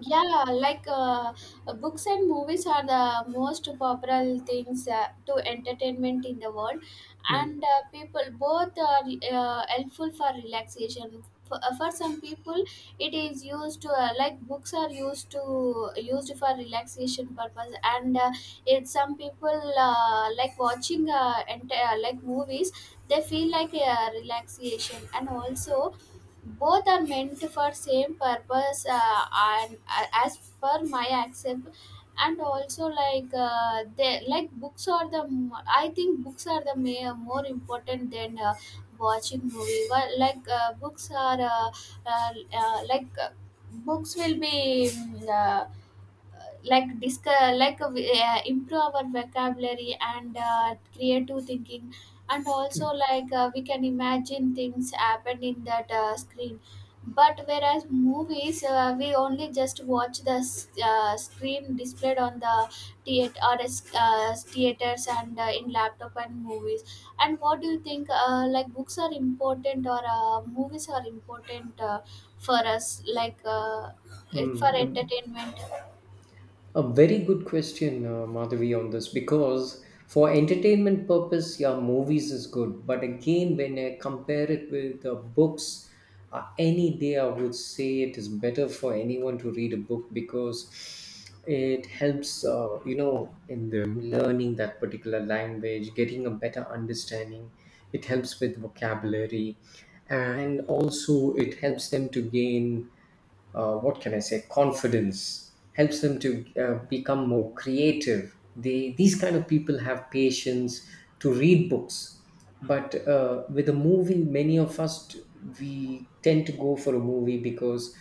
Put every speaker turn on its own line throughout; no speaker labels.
Yeah, like books and movies are the most popular things to entertainment in the world,
Mm,
and people both are helpful for relaxation. For some people, it is used to like books are used to used for relaxation purpose, and it some people like watching entire like movies. They feel like a relaxation, and also both are meant for same purpose and as per my accept, and also like they like books are the I think books are the more important than watching movie. Well, like books are uh, like books will be like like we, improve our vocabulary and creative thinking, and also
mm,
like we can imagine things happen in that screen. But whereas movies we only just watch the screen displayed on the theater or theaters and in laptop and movies. And what do you think like books are important or movies are important for us, like it for
mm. Um,
entertainment?
A very good question, Madhavi, on this because for entertainment purpose, yeah, movies is good. But again, when I compare it with books, any day I would say it is better for anyone to read a book because it helps, you know, in them learning that particular language, getting a better understanding. It helps with vocabulary, and also it helps them to gain. What can I say, confidence, helps them to become more creative. These kind of people have patience to read books. But with a movie, many of us, we tend to go for a movie because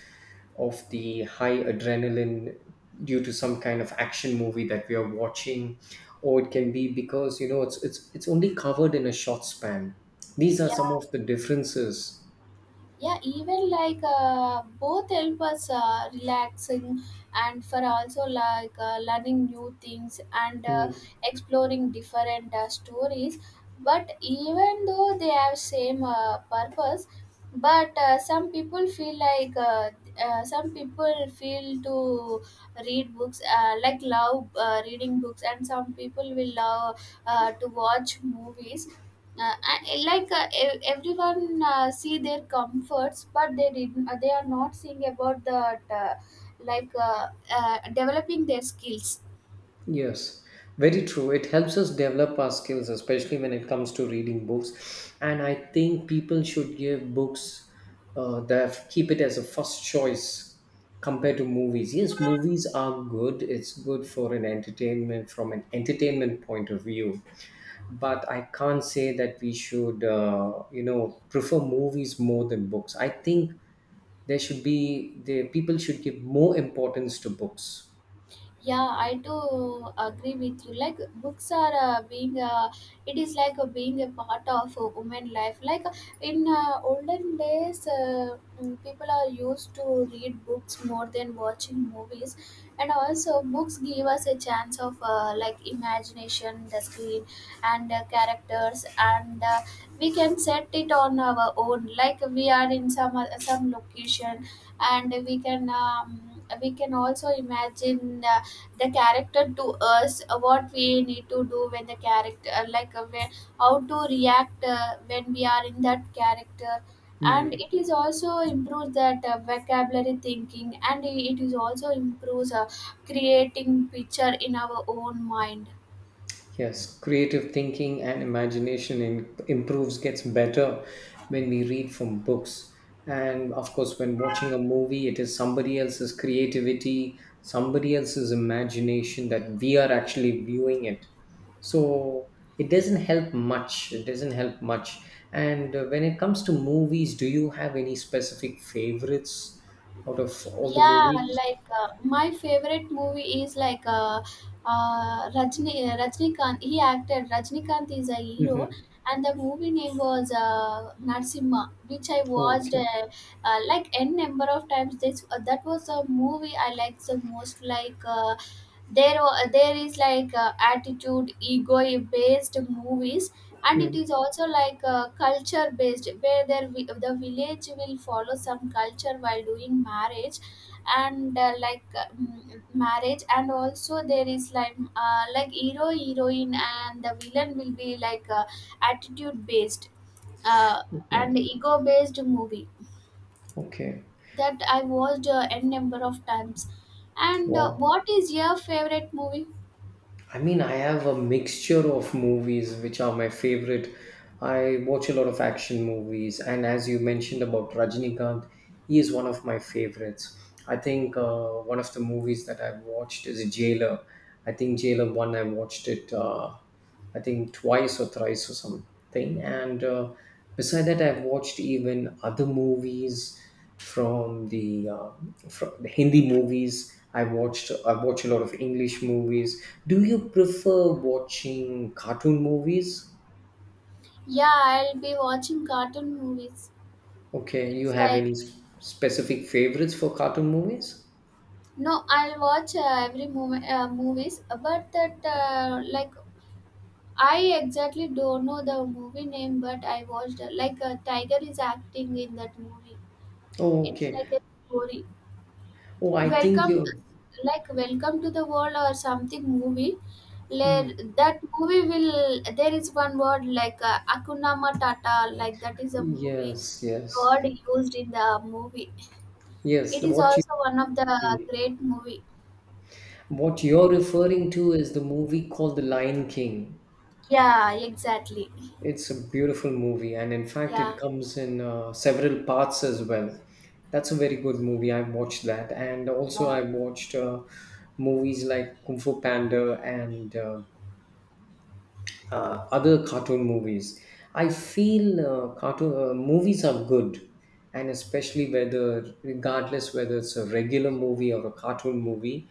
of the high adrenaline due to some kind of action movie that we are watching, or it can be because, you know, it's only covered in a short span. These are
Yeah,
some of the differences.
yeah, even like both help us relaxing, and for also like learning new things and
Hmm.
exploring different stories, but even though they have same purpose. But some people feel like some people feel to read books like love reading books, and some people will love to watch movies. Like everyone see their comforts, but they are not seeing about that like developing their skills.
Yes, very true. It helps us develop our skills, especially when it comes to reading books. And I think people should give books, that keep it as a first choice compared to movies. Yes, movies are good. It's good for an entertainment, from an entertainment point of view. But I can't say that we should, you know, prefer movies more than books. I think the people should give more importance to books.
Yeah, I do agree with you. Like, books are being it is like being a part of women life. Like in olden days people are used to read books more than watching movies, and also books give us a chance of like imagination the screen and characters and we can set it on our own, like we are in some location, and we can also imagine the character to us, what we need to do when the character like where, how to react when we are in that character. And
Hmm.
it is also improves that vocabulary thinking, and it is also improves creating picture in our own mind.
Yes, creative thinking and imagination, improves, gets better when we read from books. And of course, when watching a movie, it is somebody else's creativity, somebody else's imagination that we are actually viewing it. So it doesn't help much. It doesn't help much. And when it comes to movies, do you have any specific favorites out of all the
Yeah,
movies?
like my favorite movie is like Rajnikant. He acted. Rajnikant is a hero,
Hmm.
and the movie name was Narsimha, which I watched
Okay.
like n number of times. This That was a movie I liked the most. Like there is like attitude ego based movies, and it
Mm.
is also like culture based, where the village will follow some culture while doing marriage, and like marriage, and also there is like hero heroine, and the villain will be like attitude based uh, and
Okay.
ego based movie,
Okay.
that I watched n number of times. And
Wow.
what is your favorite movie?
I mean, I have a mixture of movies which are my favorite. I watch a lot of action movies, and as you mentioned about Rajinikanth, he is one of my favorites. I think one of the movies that I've watched is Jailer. I think Jailer 1, I watched it. I think twice or thrice or something. And beside that, I've watched even other movies from the Hindi movies. I watch a lot of English movies. Do you prefer watching cartoon movies?
Yeah, I'll be watching cartoon movies.
Okay, you
It's
have
like,
any specific favorites for cartoon movies?
no, I'll watch every movies, but that like I exactly don't know the movie name, but I watched like Tiger is acting in that movie.
Oh,
It's
okay.
like a story.
Oh, I think
Welcome,
you.
like Welcome to the World or something movie.
Hmm.
Like, that movie will there is one word like Akuna Matata, like that is a movie
Yes, yes,
word used in the movie.
yes.
It
The
is
what
also one of the
you.
great movie.
What you're referring to is the movie called The Lion King.
Yeah, exactly.
It's a beautiful movie, and in fact,
Yeah,
it comes in several parts as well. That's a very good movie. I've watched that, and also
yeah,
I've watched movies like Kung Fu Panda and other cartoon movies. I feel cartoon movies are good, and especially whether, regardless whether it's a regular movie or a cartoon movie,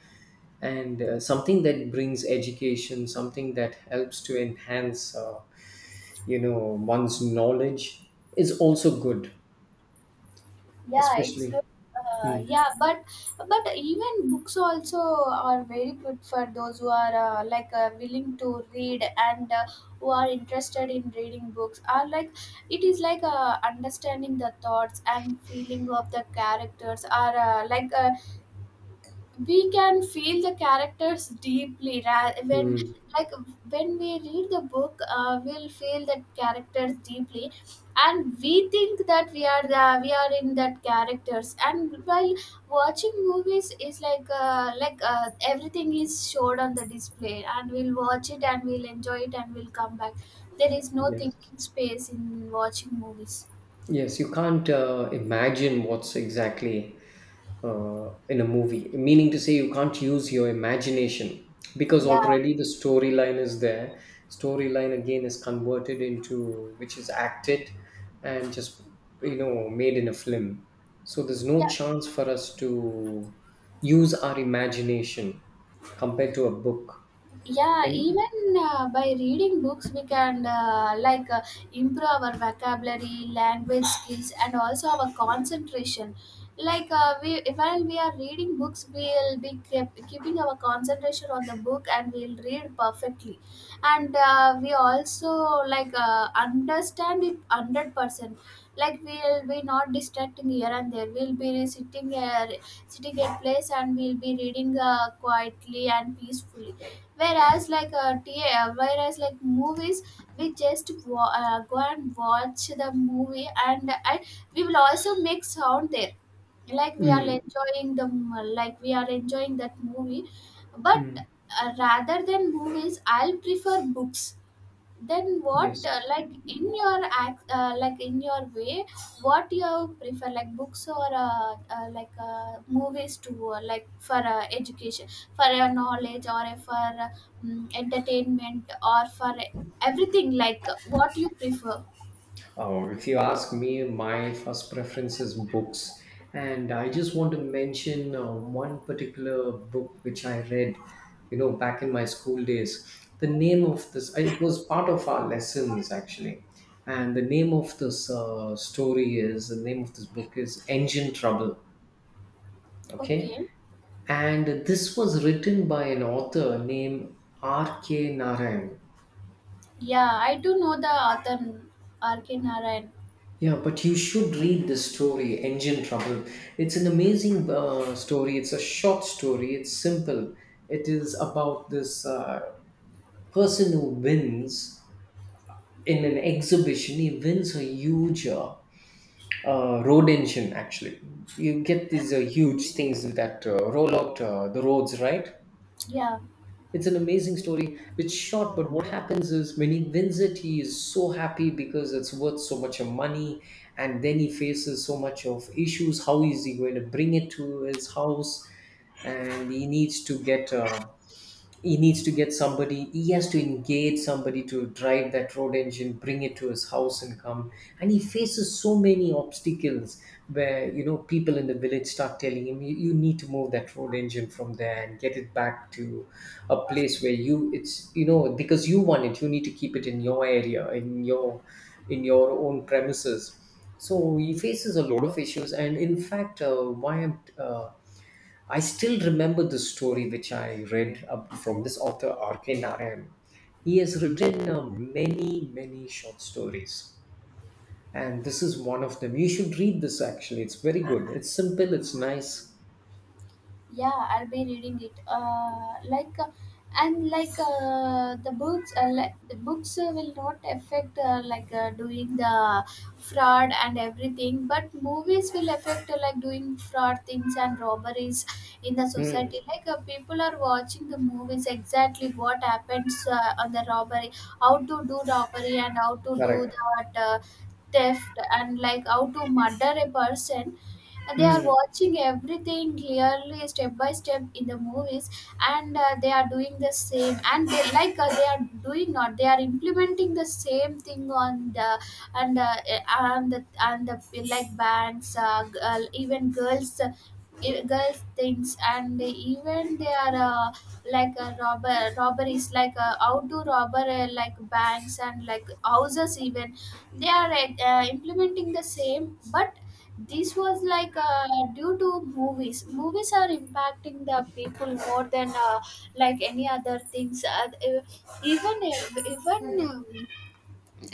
and something that brings education, something that helps to enhance, you know, one's knowledge is also good,
yeah. It's good.
especially. Mm,
Yeah, but even books also are very good for those who are like willing to read and who are interested in reading books. Are like it is like understanding the thoughts and feeling of the characters. Are like we can feel the characters deeply when
mm,
like when we read the book we'll feel that characters deeply, and we think that we are in that characters. And while watching movies is like everything is showed on the display, and we'll watch it and we'll enjoy it and we'll come back. There is no
yes.
thinking space in watching movies.
Yes, you can't imagine what's exactly in a movie. Meaning to say, you can't use your imagination because
Yeah,
already the storyline is there. Storyline again is converted into which is acted and just, you know, made in a film. So there's no
yeah,
chance for us to use our imagination compared to a book.
yeah,
And
even by reading books we can like improve our vocabulary language skills and also our concentration. Like we while we are reading books we will be keeping our concentration on the book, and we'll read perfectly, and we also like understand it 100%, like we'll be not distracting here and there, we'll be sitting at place, and we'll be reading quietly and peacefully, whereas like movies, we just go and watch the movie, and we will also make sound there like we are enjoying the like we are enjoying that movie. But rather than movies I'll prefer books. Then what
yes.
like in your act like in your way what you prefer, like books or like movies to like for education, for your knowledge, or for entertainment, or for everything, like what you prefer?
Oh, if you ask me, my first preference is books, and I just want to mention one particular book which I read, you know, back in my school days. The name of this, it was part of our lessons actually, and the name of this book is Engine Trouble. Okay,
Okay,
and this was written by an author named R. K. Narayan.
yeah, I do know the author R.K. Narayan.
Yeah, but you should read this story, Engine Trouble. It's an amazing story. It's a short story. It's simple. It is about this person who wins in an exhibition. He wins a huge road engine, actually. You get these huge things that roll out the roads, right?
Yeah.
It's an amazing story. It's short, but what happens is when he wins it, he is so happy because it's worth so much of money. And then he faces so much of issues. How is he going to bring it to his house? And he needs to get somebody, he has to engage somebody to drive that road engine, bring it to his house and come. And he faces so many obstacles where, you know, people in the village start telling him, you need to move that road engine from there and get it back to a place where you, it's, you know, because you want it, you need to keep it in your area, in your own premises. So he faces a lot of issues. And in fact, why I'm I still remember the story which I read up from this author R.K. Narayan. He has written many, many short stories. And this is one of them. You should read this actually. It's very good. It's simple, it's nice.
Yeah, I'll be reading it. Like, and like the books, will not affect like doing the fraud and everything, but movies will affect like doing fraud things and robberies in the
Mm,
society. Like people are watching the movies exactly what happens on the robbery, how to do robbery and how to do
correct.
that theft, and like how to murder a person. They are
Mm,
watching everything clearly step by step in the movies, and they are doing the same, and they are doing not they are implementing the same thing on the, and uh, and the like bands girl, even girls girls things, and even they are like a robberies like how to robber like banks and like houses, even they are implementing the same. But this was like due to movies. Movies are impacting the people more than like any other things. Even even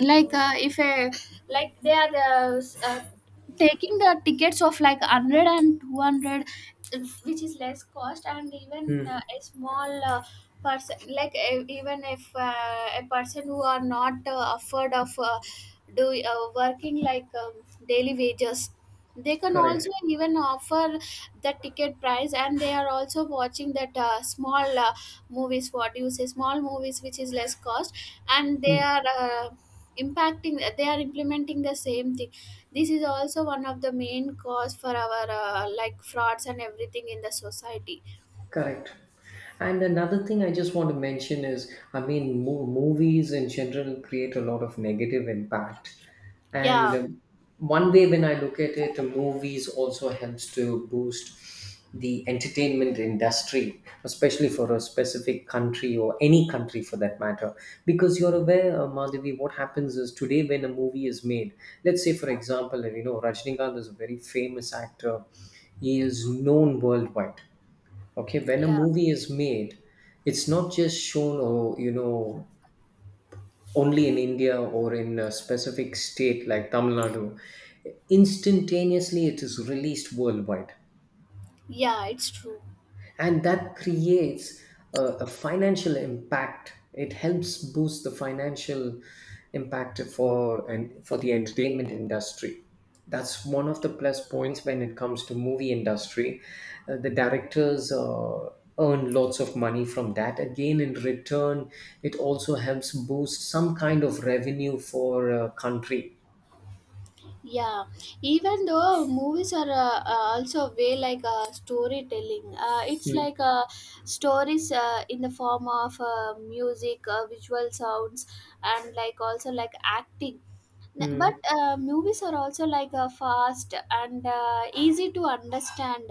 like if a like taking the tickets of like 100 and 200, which is less cost. And even
mm,
a small person, like even if a person who are not afford of do working like daily wages, they can also
correct.
even offer the ticket price, and they are also watching that small movies, what do you say, small movies which is less cost, and they are implementing the same thing. This is also one of the main cause for our like frauds and everything in the society.
Correct. And another thing I just want to mention is I mean, movies in general create a lot of negative impact. And
Yeah.
one way when I look at it, movies also helps to boost the entertainment industry, especially for a specific country or any country for that matter. Because you're aware, Madhavi, what happens is today when a movie is made, let's say, for example, you know, Rajnikanth is a very famous actor, he is known worldwide. Okay, when a
Yeah,
movie is made, it's not just shown or, you know, only in India or in a specific state like Tamil Nadu. Instantaneously, it is released worldwide.
yeah, it's true.
And that creates a, a financial impact. It helps boost the financial impact for and for the entertainment industry. That's one of the plus points when it comes to movie industry. The directors earn lots of money from that. Again, in return it also helps boost some kind of revenue for a country.
Yeah, even though movies are also a way like storytelling, it's
Mm.
like stories in the form of music, visual sounds, and like also like acting. N- but
Mm.
uh, movies are also like fast and easy to understand.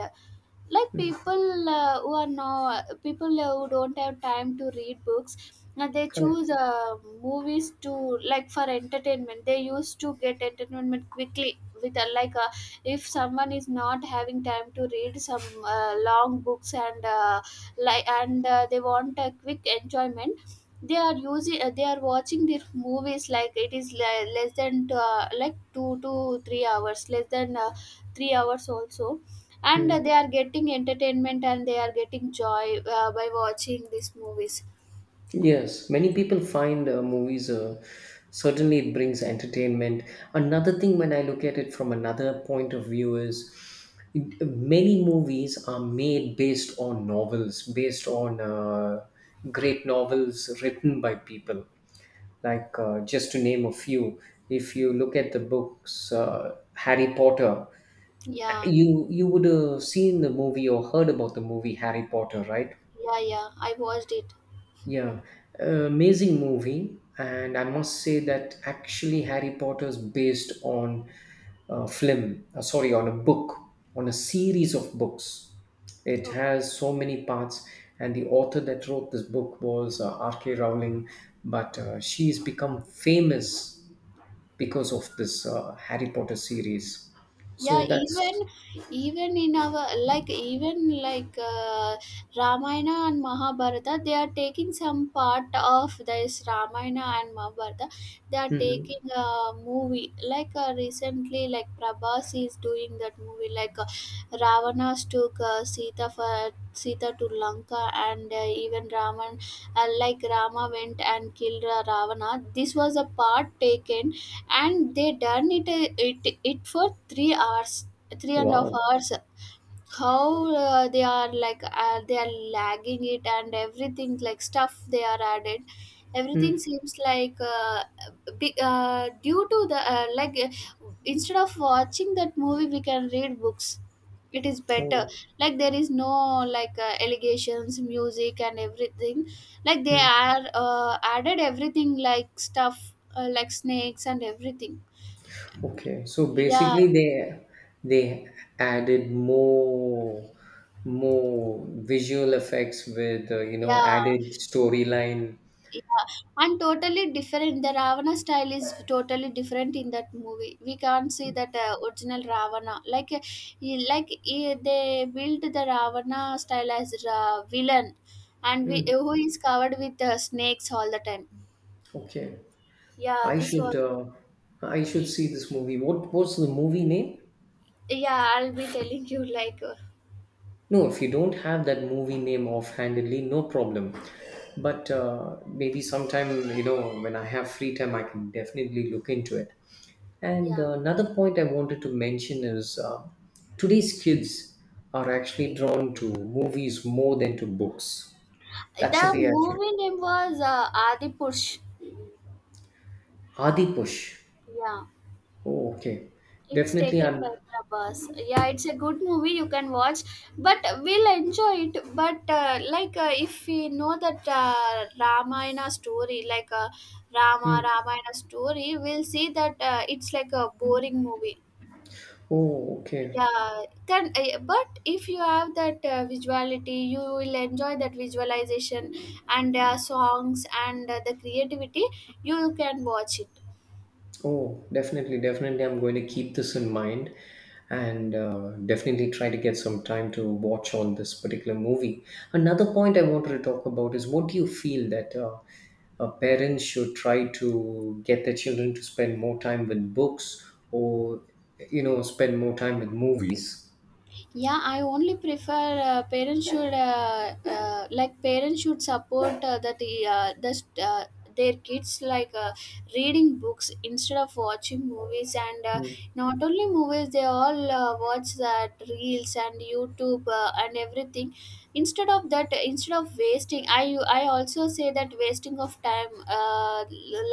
Like people who are now people who don't have time to read books, and they choose
Correct.
movies to like for entertainment. They used to get entertainment quickly with like if someone is not having time to read some long books, and like and they want a quick enjoyment. They are using they are watching their movies, like it is less than like 2 to 3 hours, less than 3 hours also, and
Hmm.
they are getting entertainment, and they are getting joy by watching these movies.
Yes, many people find movies, certainly it brings entertainment. Another thing, when I look at it from another point of view, is many movies are made based on novels, based on great novels written by people. Like, just to name a few, if you look at the books, Harry Potter,
Yeah.
you would have seen the movie or heard about the movie Harry Potter, right?
Yeah, yeah, I watched it.
Yeah, amazing movie, and I must say that actually Harry Potter is based on a film, sorry, on a book, on a series of books. It
Okay.
has so many parts, and the author that wrote this book was R.K. Rowling, but she's become famous because of this Harry Potter series.
Yeah,
So
even
that's.
even in our like even like Ramayana and Mahabharata, they are taking some part of this Ramayana and Mahabharata. They are
Mhm.
taking a movie like recently, like Prabhas is doing that movie like Ravana's took Sita to Lanka, and even Raman like Rama went and killed Ravana. This was a part taken, and they done it for 3 hours, three and a half
Wow.
hours. How they are like they are lagging it and everything like stuff they are added. Everything
Mm.
seems like big, due to the like instead of watching that movie we can read books, it is better.
Oh.
Like there is no like allegations music and everything, like they
Hmm.
are added everything like stuff like snakes and everything.
Okay, so
Yeah,
basically they added more, more visual effects with, you know,
yeah,
added storyline.
yeah. And totally different. The Ravana style is totally different in that movie. We can't see that original Ravana. They built the Ravana style as a villain, and we,
Hmm.
who is covered with snakes all the time.
Okay,
Yeah,
I
this was.
should uh, I should see this movie. What, what's the movie name?
Yeah, I'll be telling you like.
No, if you don't have that movie name offhandedly, no problem. But maybe sometime, you know, when I have free time, I can definitely look into it. And
Yeah,
another point I wanted to mention is today's kids are actually drawn to movies more than to books. That's
The
the way I feel.
movie name was Adi Purush.
Adi Push.
Yeah.
Oh, okay.
It's
Definitely,
taken by
I'm.
Prabhas. Yeah, it's a good movie you can watch, but we'll enjoy it. But if we know that Ramayana story,
Hmm.
Ramayana story, we'll see that it's like a boring movie.
Oh, okay.
Yeah, can But if you have that visuality, you will enjoy that visualization and songs and the creativity. You can watch it.
Oh, definitely, definitely. I'm going to keep this in mind and definitely try to get some time to watch on this particular movie. Another point I wanted to talk about is what do you feel that parents should try to get their children to spend more time with books or, you know, spend more time with movies?
Yeah, I only prefer parents should parents should support that their kids reading books instead of watching movies and
Mm.
Not only movies, they all watch that reels and YouTube and everything. Instead of that, I also say that wasting of time, uh,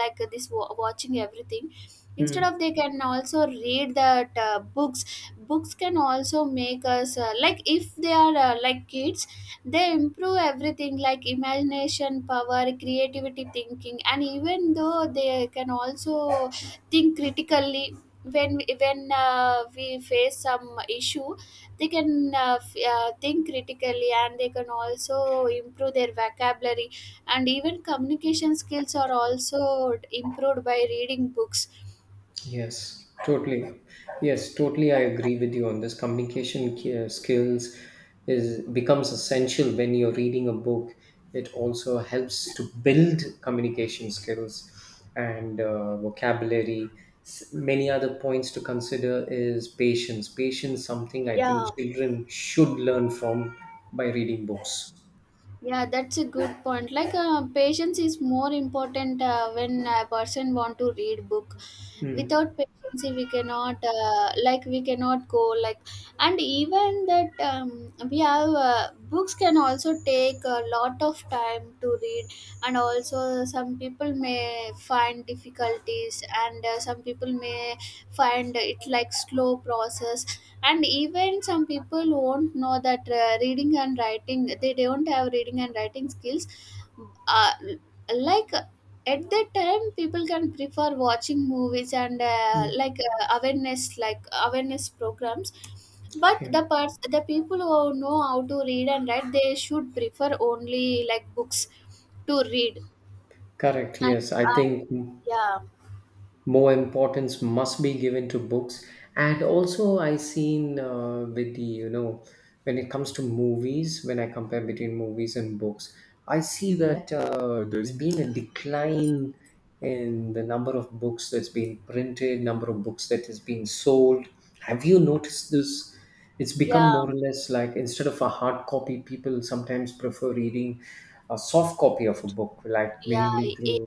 like this wa- watching everything. Instead
Mm.
of, they can also read that books. Books can also make us like, if they are like kids, they improve everything like imagination power, creativity, thinking, and even though they can also think critically. When we face some issue, they can think critically, and they can also improve their vocabulary, and even communication skills are also improved by reading books.
Yes, totally. Yes, totally. I agree with you on this. Communication skills is becomes essential when you're reading a book. It also helps to build communication skills and vocabulary. Many other points to consider is patience. Patience, something I
Yeah.
think children should learn from by reading books.
Yeah that's a good point. Like, patience is more important when a person want to read book.
Mm.
Without patience, we cannot, we cannot go, like. And even that, we have, books can also take a lot of time to read, and also some people may find difficulties, and some people may find it like slow process. And even some people won't know that, reading and writing, they don't have reading and writing skills. uh, like at that time, people can prefer watching movies and
Mm.
awareness programs. But
Okay.
the parts, the people who know how to read and write, they should prefer only like books to read.
Correct.
And
Yes, I
uh,
think
yeah
more importance must be given to books. And also I seen, with the, you know, when it comes to movies, when I compare between movies and books, I see that there's been a decline in the number of books that's been printed, number of books that is being sold. Have you noticed this? It's become
yeah
more or less like, instead of a hard copy, people sometimes prefer reading a soft copy of a book, like
Yeah.
mainly through.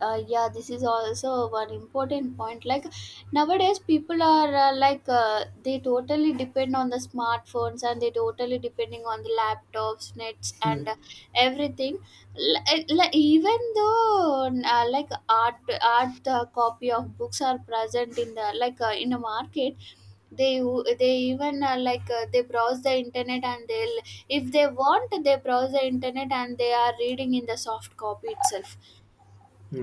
Yeah, this is also one important point. Like, nowadays people are they totally depend on the smartphones, and they totally depending on the laptops, nets, and everything. Like, even though, art, art copy of books are present in the, in the market, they they even, they browse the internet, and they'll, if they want, they browse the internet and they are reading in the soft copy itself.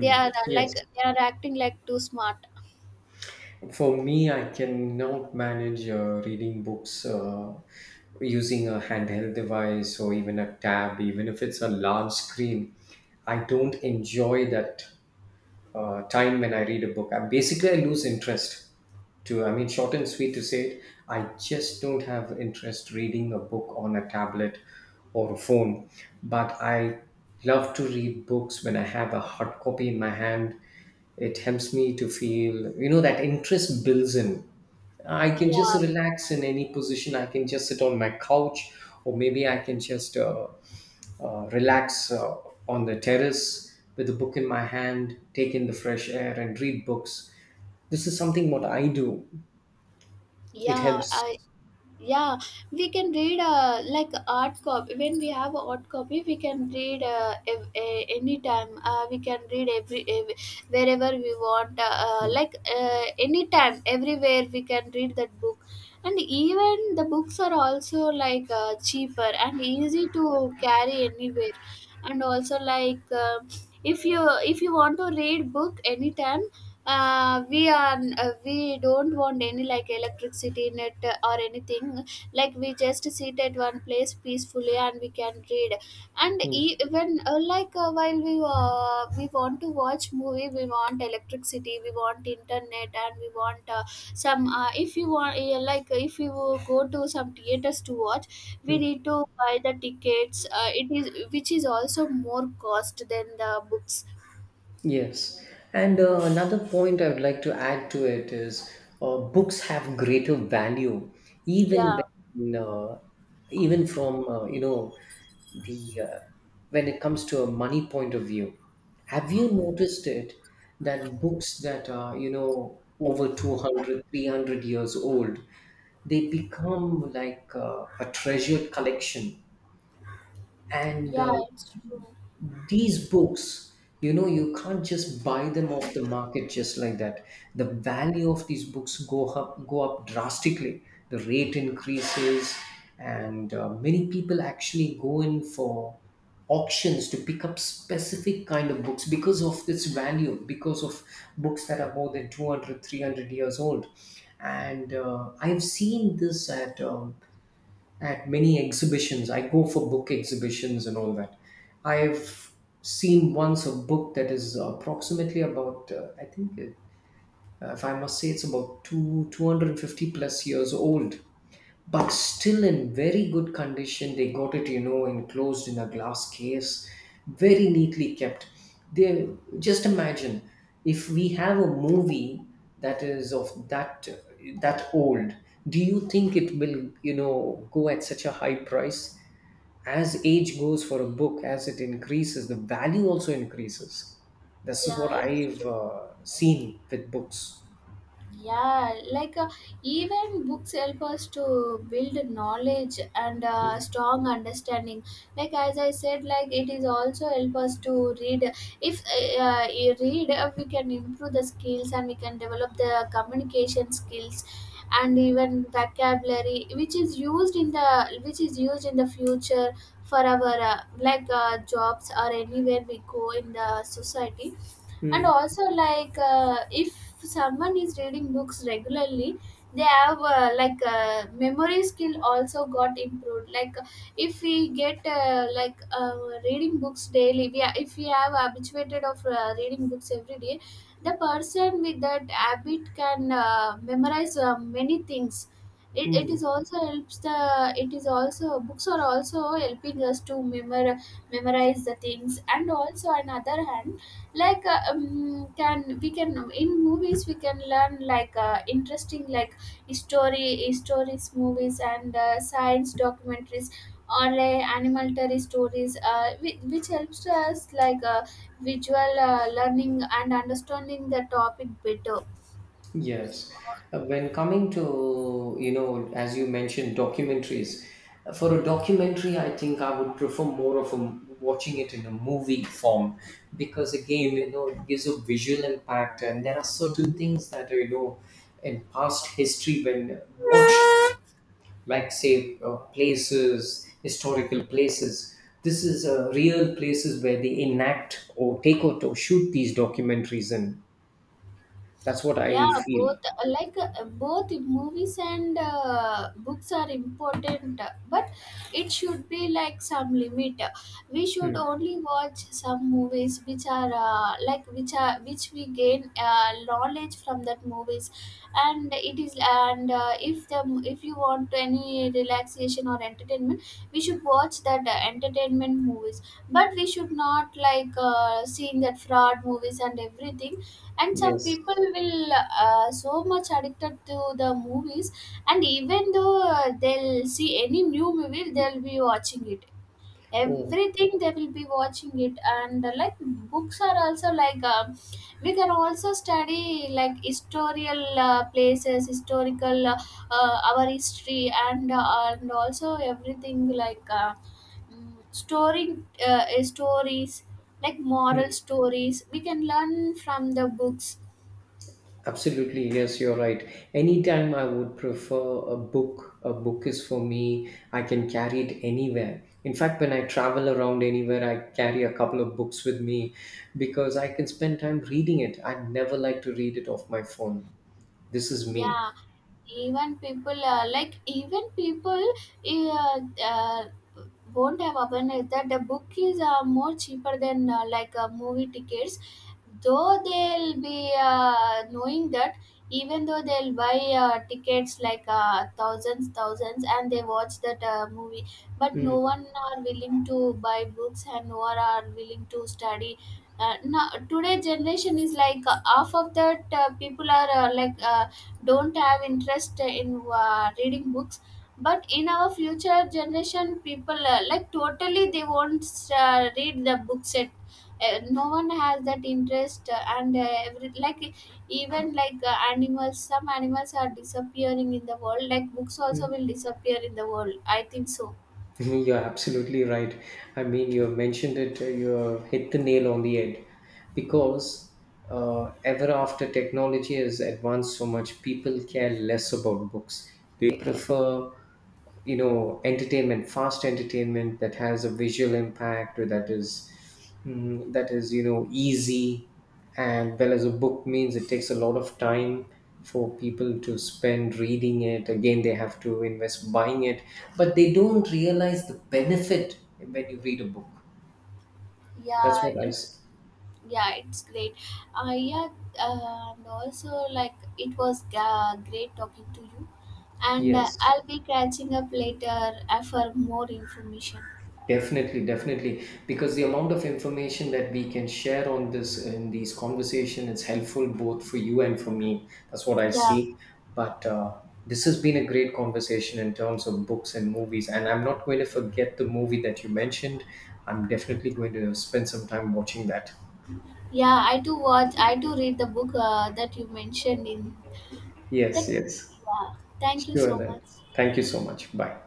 They are like,
Yes.
they are acting like too smart.
For me, I cannot manage reading books using a handheld device or even a tab, even if it's a large screen. I don't enjoy that time when I read a book. I basically I lose interest. To I mean, short and sweet to say it, I just don't have interest reading a book on a tablet or a phone. But I love to read books when I have a hard copy in my hand. It helps me to feel that interest builds in. I can just
Yeah,
relax in any position. I can just sit on my couch, or maybe I can just relax on the terrace with a book in my hand, take in the fresh air, and read books. This is something what I do. It
yeah, I
helps.
yeah. We can read like art copy when we have a art copy. We can read, anytime. We can read every, ev wherever we want. Anytime, everywhere, we can read that book. And even the books are also like, cheaper and easy to carry anywhere. And also, if you, want to read book anytime, we are, we don't want any like electricity, net, or anything. Like, we just sit at one place peacefully and we can read. And
Hmm.
e- even like while we, we want to watch movie, we want electricity, we want internet, and we want, some if you want, if you go to some theaters to watch, we
Hmm.
need to buy the tickets. It is, which is also more cost than the books.
Yes. And another point I would like to add to it is books have greater value even
Yeah.
when even from you know the when it comes to a money point of view. Have you noticed it that books that are over 200, 300 years old, they become like a treasured collection. And
Yeah, it's true.
these books, you know, you can't just buy them off the market just like that. The value of these books go up drastically. The rate increases. And many people actually go in for auctions to pick up specific kind of books because of this value, because of books that are more than 200, 300 years old. And I've seen this at at many exhibitions. I go for book exhibitions and all that. I've seen once a book that is approximately about, I think, if I must say, it's about two 250 plus years old, but still in very good condition. They got it, enclosed in a glass case, very neatly kept. They, just imagine, if we have a movie that is of that old. Do you think it will, go at such a high price? As age goes for a book, as it increases, the value also increases. This is what
Yeah, it's
I've
true.
seen with books.
Yeah, like, even books help us to build knowledge and
Mm.
strong understanding. Like as I said, like it is also help us to read. If you read, we can improve the skills, and we can develop the communication skills and even vocabulary, which is used in the future for our jobs, or anywhere we go in the society. And
Mm.
also, like, if someone is reading books regularly, they have memory skill also got improved. Like, if we get reading books daily, if we have habituated of reading books every day, the person with that habit can memorize many things.
Mm.
It is also, books are also helping us to memorize the things. And also another hand, like, can we can, in movies we can learn, like, interesting like story stories movies and science documentaries or animal terry stories, which helps us like visual learning and understanding the topic better.
Yes. When coming to, you know, as you mentioned, documentaries, for a documentary, I think I would prefer more of watching it in a movie form because, again, you know, it gives a visual impact. And there are certain things that, you know, in past history when watched, like, say, places, historical places. This is real places where they enact or take out or shoot these documentaries in. That's what I
Yeah,
feel.
both, both movies and books are important, but it should be like some limit. We should only watch some movies which are, which we gain knowledge from that movies. And it is and if the, if you want any relaxation or entertainment, we should watch that entertainment movies. But we should not like seeing that fraud movies and everything. And some
Yes.
people will, so much addicted to the movies. And even though, they'll see any new movie, they'll be watching it,
Oh,
everything they will be watching it. And like Books are also like, we can also study, like historical places, historical our history, and also everything like, mm, storing stories, like moral
hmm.
stories, we can learn from the books.
Absolutely. Yes, you're right. Anytime I would prefer a book. A book is for me, I can carry it anywhere. In fact, when I travel around anywhere, I carry a couple of books with me because I can spend time reading it. I never like to read it off my phone. This is me.
Yeah, even people, even people uh, uh, won't have awareness that the book is more cheaper than movie tickets. Though they'll be knowing that, even though they'll buy tickets like, thousands, thousands, and they watch that movie, but no one are willing to buy books, and no one are willing to study. Now today generation is like, half of that, people are, don't have interest in reading books. But in our future generation, people totally they won't read the books at. No one has that interest. And every, like Even like, animals, some animals are disappearing in the world, like books also
Mm.
will disappear in the world, I think so.
You're absolutely right. I mean, you have mentioned it. You have hit the nail on the head because ever after technology has advanced so much, people care less about books. They prefer entertainment, fast entertainment that has a visual impact, or that is easy. And, well, as a book means, it takes a lot of time for people to spend reading it. Again, they have to invest buying it. But they don't realize the benefit when you read a book. That's
yeah
what I
it
s-
yeah, it's great. uh, yeah and also, like, it was great talking to you, and
Yes.
I'll be catching up later for more information.
Definitely, definitely. Because the amount of information that we can share on this in these conversation is helpful both for you and for me. That's what I
Yeah.
see. But this has been a great conversation in terms of books and movies. And I'm not going to forget the movie that you mentioned. I'm definitely going to spend some time watching that.
Yeah I do watch, I do read the book that you mentioned in
Yes,
that.
yes.
Yeah. Thank you
Sure
so
then.
much.
Thank you so much. Bye.